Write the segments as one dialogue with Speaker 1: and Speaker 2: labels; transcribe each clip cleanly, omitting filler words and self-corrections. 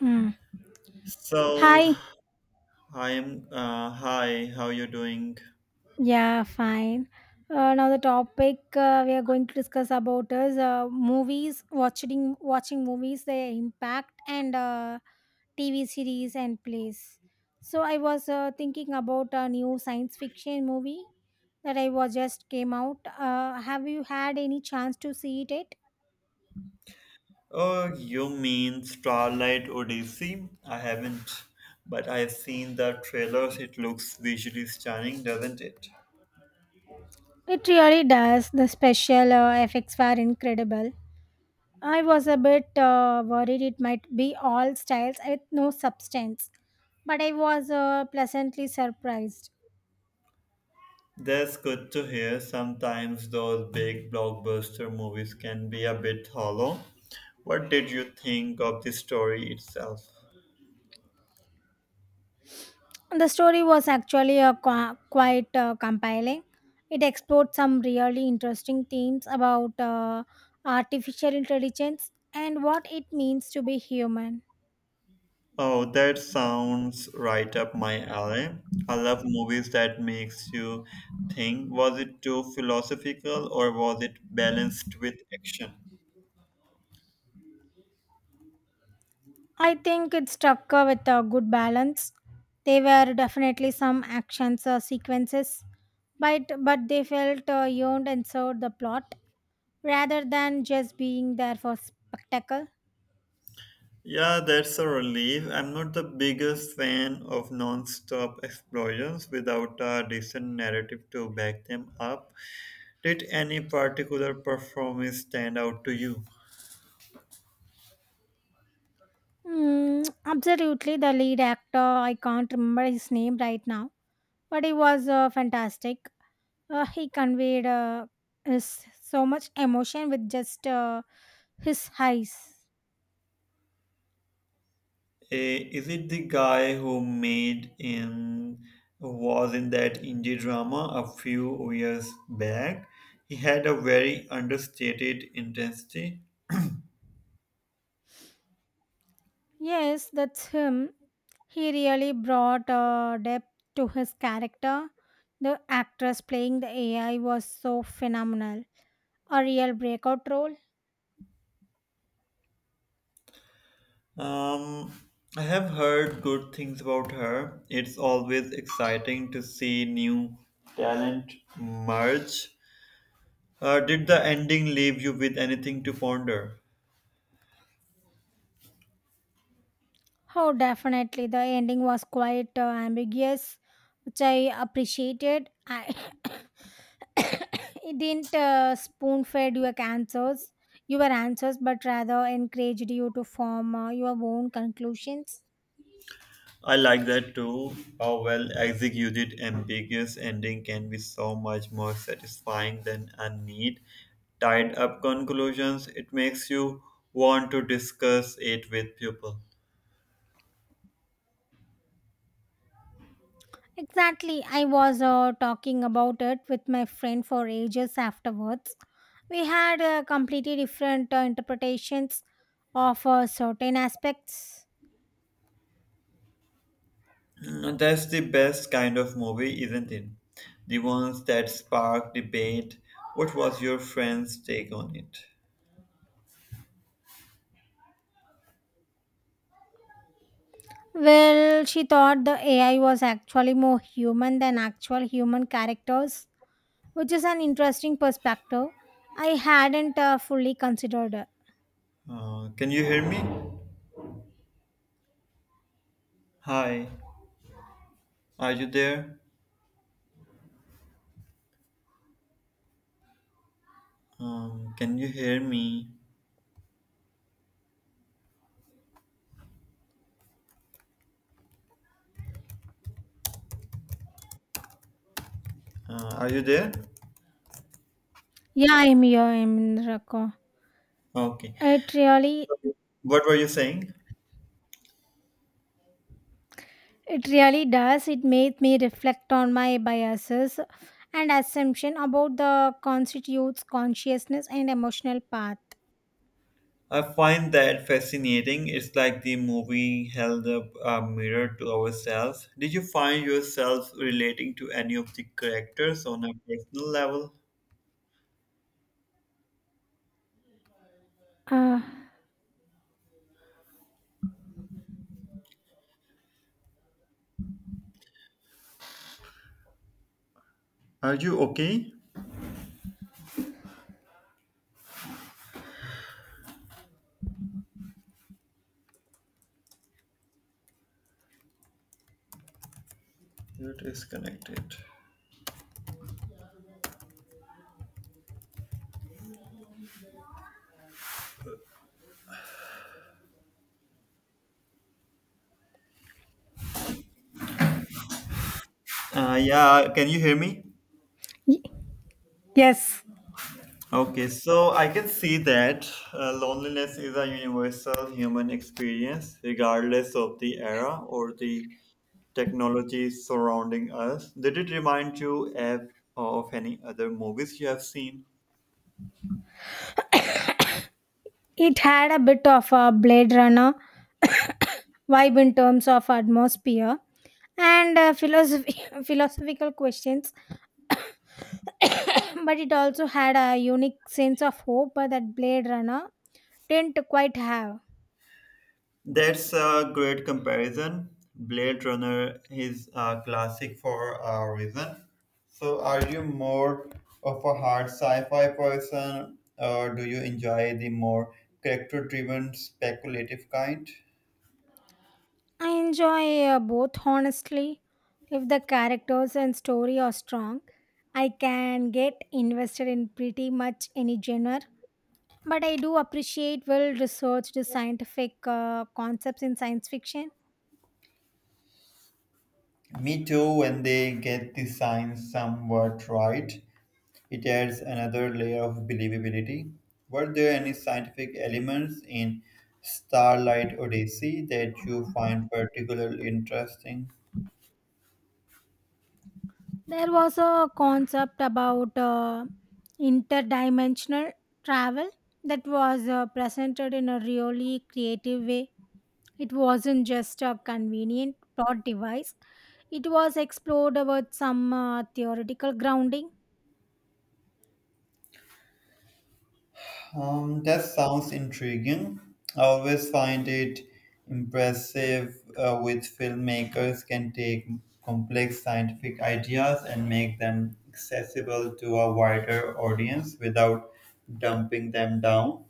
Speaker 1: Mm.
Speaker 2: So,
Speaker 1: Hi.
Speaker 2: I'm. Hi, how you doing?
Speaker 1: Yeah, fine. Now the topic we are going to discuss about is movies, watching movies, their impact, and TV series and plays. So I was thinking about a new science fiction movie that I was just came out. Have you had any chance to see it yet?
Speaker 2: Oh, you mean Starlight Odyssey? I haven't, but I've seen the trailers. It looks visually stunning, doesn't it?
Speaker 1: It really does. The special effects were incredible. I was a bit worried it might be all styles with no substance, but I was pleasantly surprised.
Speaker 2: That's good to hear. Sometimes those big blockbuster movies can be a bit hollow. What did you think of the story itself?
Speaker 1: The story was actually quite compelling. It explored some really interesting themes about artificial intelligence and what it means to be human.
Speaker 2: Oh, that sounds right up my alley. I love movies that makes you think. Was it too philosophical or was it balanced with action?
Speaker 1: I think it struck with a good balance. There were definitely some actions or sequences, but they felt yawned and served the plot rather than just being there for spectacle.
Speaker 2: Yeah, that's a relief. I'm not the biggest fan of non-stop explosions without a decent narrative to back them up. Did any particular performance stand out to you?
Speaker 1: Mm, absolutely, the lead actor, I can't remember his name right now, but he was fantastic. He conveyed so much emotion with just his eyes.
Speaker 2: Is it the guy who made in was in that indie drama a few years back? He had a very understated intensity.
Speaker 1: Yes, that's him. He really brought depth to his character. The actress playing the AI was so phenomenal. A real breakout role.
Speaker 2: Um, I have heard good things about her. It's always exciting to see new talent merge. Did the ending leave you with anything to ponder?
Speaker 1: Oh, definitely. The ending was quite ambiguous, which I appreciated. I it didn't spoon fed your answers, but rather encouraged you to form your own conclusions.
Speaker 2: I like that too. How well executed ambiguous ending can be so much more satisfying than a neat, tied up conclusions. It makes you want to discuss it with people.
Speaker 1: Exactly. I was talking about it with my friend for ages afterwards. We had completely different interpretations of certain aspects.
Speaker 2: Mm, that's the best kind of movie, isn't it? The ones that spark debate. What was your friend's take on it?
Speaker 1: Well, she thought the AI was actually more human than actual human characters, which is an interesting perspective. I hadn't fully considered.
Speaker 2: Can you hear me? Hi, are you there? Can you hear me? Are you there?
Speaker 1: Yeah, I'm here. I'm in Raqqa.
Speaker 2: Okay.
Speaker 1: It really,
Speaker 2: What were you saying?
Speaker 1: it really does. It made me reflect on my biases and assumption about the constitutes consciousness and emotional path.
Speaker 2: I find that fascinating. It's like the movie held up a mirror to ourselves. Did you find yourself relating to any of the characters on a personal level?
Speaker 1: Uh,
Speaker 2: Are you okay? You're disconnected. Yeah, can you hear me?
Speaker 1: y- yes,
Speaker 2: Okay, so I can see that loneliness is a universal human experience, regardless of the era or the technologies surrounding us. Did it remind you of any other movies you have seen?
Speaker 1: it had a bit of a Blade Runner vibe in terms of atmosphere and philosophy, philosophical questions. But it also had a unique sense of hope that Blade Runner didn't quite have.
Speaker 2: That's a great comparison. Blade Runner is a classic for a reason. So, are you more of a hard sci fi person, or do you enjoy the more character driven, speculative kind?
Speaker 1: I enjoy both, honestly. If the characters and story are strong, I can get invested in pretty much any genre. But I do appreciate well researched scientific concepts in science fiction.
Speaker 2: Me too, when they get the science somewhat right. It adds another layer of believability. Were there any scientific elements in Starlight Odyssey that you find particularly interesting?
Speaker 1: There was a concept about interdimensional travel that was presented in a really creative way. It wasn't just a convenient plot device, it was explored with some theoretical grounding.
Speaker 2: That sounds intriguing. I always find it impressive with filmmakers can take complex scientific ideas and make them accessible to a wider audience without dumping them down.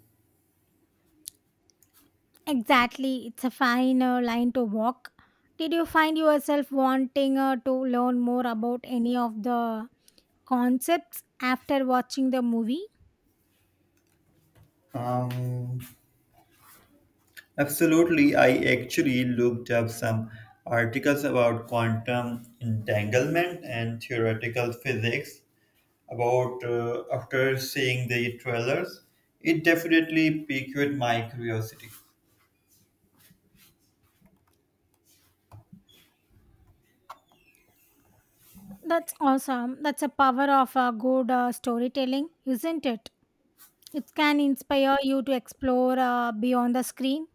Speaker 1: Exactly, it's a fine line to walk. Did you find yourself wanting to learn more about any of the concepts after watching the movie?
Speaker 2: Um, Absolutely. I actually looked up some articles about quantum entanglement and theoretical physics about after seeing the trailers. It definitely piqued my curiosity.
Speaker 1: That's awesome. That's a power of good storytelling, isn't it? It can inspire you to explore beyond the screen.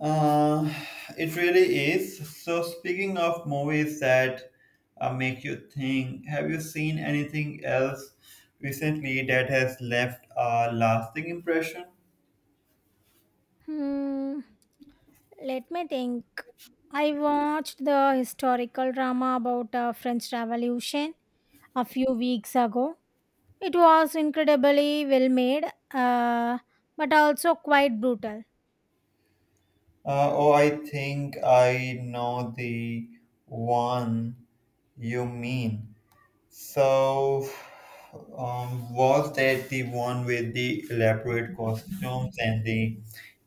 Speaker 2: Uh, it really is. So, speaking of movies that make you think, have you seen anything else recently that has left a lasting impression?
Speaker 1: Hmm. Let me think. I watched the historical drama about French Revolution a few weeks ago. It was incredibly well made, uh, but also quite brutal.
Speaker 2: Oh, I think I know the one you mean. So, was that the one with the elaborate costumes and the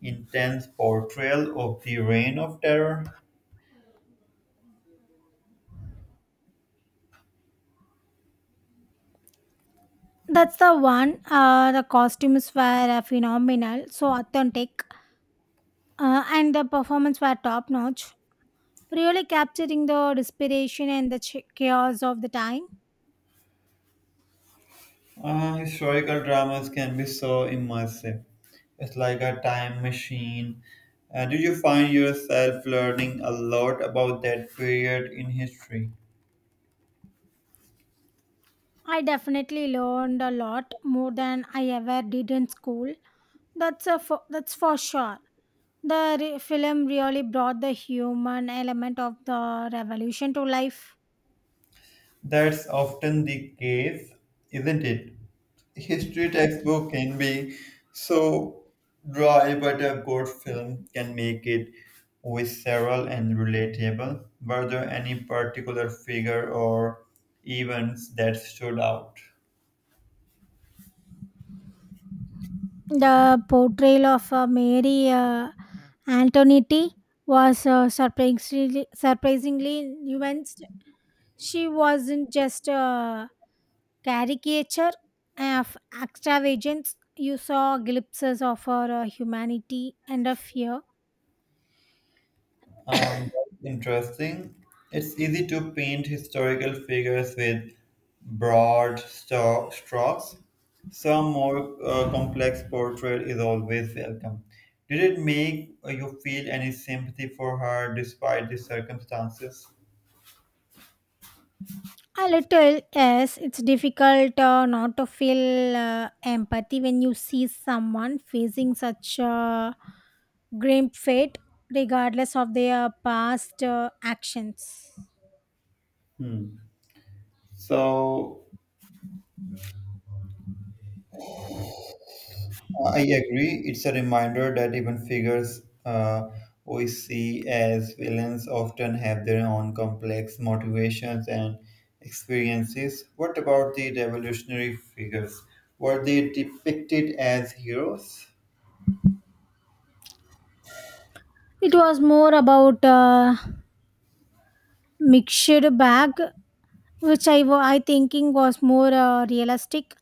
Speaker 2: intense portrayal of the Reign of Terror?
Speaker 1: That's the one. The costumes were phenomenal, so authentic, and the performance were top notch, really capturing the desperation and the chaos of the time.
Speaker 2: Historical dramas can be so immersive. It's like a time machine. Do you find yourself learning a lot about that period in history?
Speaker 1: I definitely learned a lot more than I ever did in school. That's for sure. Film really brought the human element of the revolution to life.
Speaker 2: That's often the case, isn't it? History textbook can be so dry, but a good film can make it visceral and relatable. Were there any particular figure or events that stood out?
Speaker 1: The portrayal of Mary Antonetti was surprisingly nuanced. She wasn't just a caricature of extravagance. You saw glimpses of her humanity and a fear.
Speaker 2: Um, Interesting. It's easy to paint historical figures with broad strokes. Some more complex portrait is always welcome. Did it make you feel any sympathy for her despite the circumstances?
Speaker 1: A little, yes, it's difficult not to feel empathy when you see someone facing such a grim fate, regardless of their past actions.
Speaker 2: Hmm. So I agree. It's a reminder that even figures we see as villains often have their own complex motivations and experiences. What about the revolutionary figures? Were they depicted as heroes?
Speaker 1: It was more about a mixed bag, which I thinking was more realistic.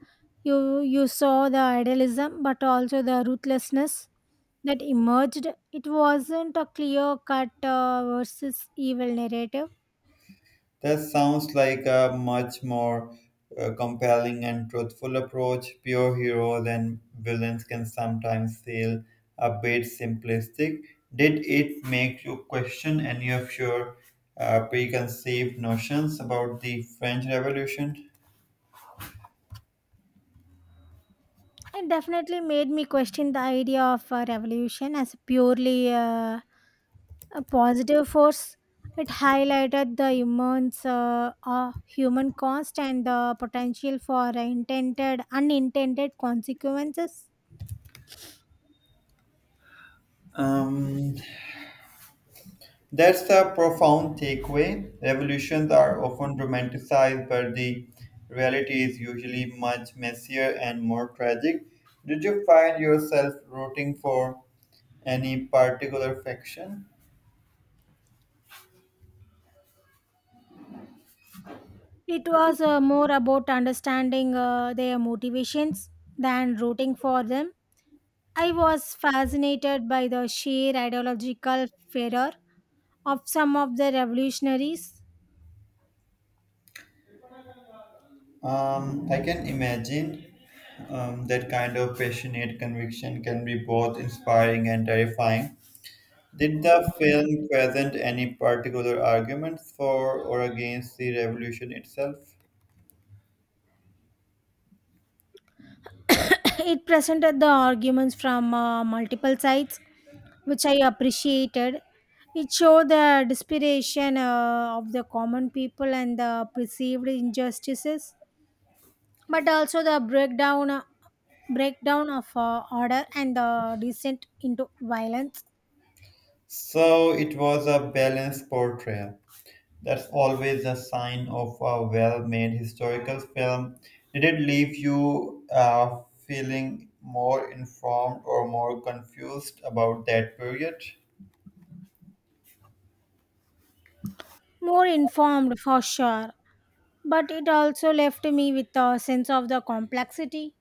Speaker 1: You saw the idealism, but also the ruthlessness that emerged. It wasn't a clear cut versus evil narrative.
Speaker 2: That sounds like a much more compelling and truthful approach. Pure heroes and villains can sometimes feel a bit simplistic. Did it make you question any of your preconceived notions about the French Revolution?
Speaker 1: It definitely made me question the idea of revolution as a purely a positive force. It highlighted the immense human cost and the potential for intended unintended consequences.
Speaker 2: Um, That's the profound takeaway. Revolutions are often romanticized, but the reality is usually much messier and more tragic. Did you find yourself rooting for any particular faction?
Speaker 1: It was more about understanding their motivations than rooting for them. I was fascinated by the sheer ideological fervor of some of the revolutionaries.
Speaker 2: I can imagine that kind of passionate conviction can be both inspiring and terrifying. Did the film present any particular arguments for or against the revolution itself?
Speaker 1: It presented the arguments from multiple sides, which I appreciated. It showed the desperation of the common people and the perceived injustices, but also the breakdown of order and the descent into violence.
Speaker 2: So it was a balanced portrayal. That's always a sign of a well made historical film. Did it leave you feeling more informed or more confused about that period?
Speaker 1: More informed for sure, but it also left me with a sense of the complexity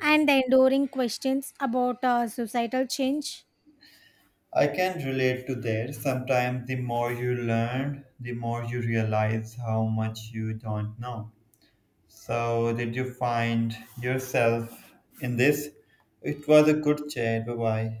Speaker 1: and the enduring questions about societal change.
Speaker 2: I can relate to that. Sometimes the more you learn, the more you realize how much you don't know. So, did you find yourself in this? It was a good chat. Bye bye.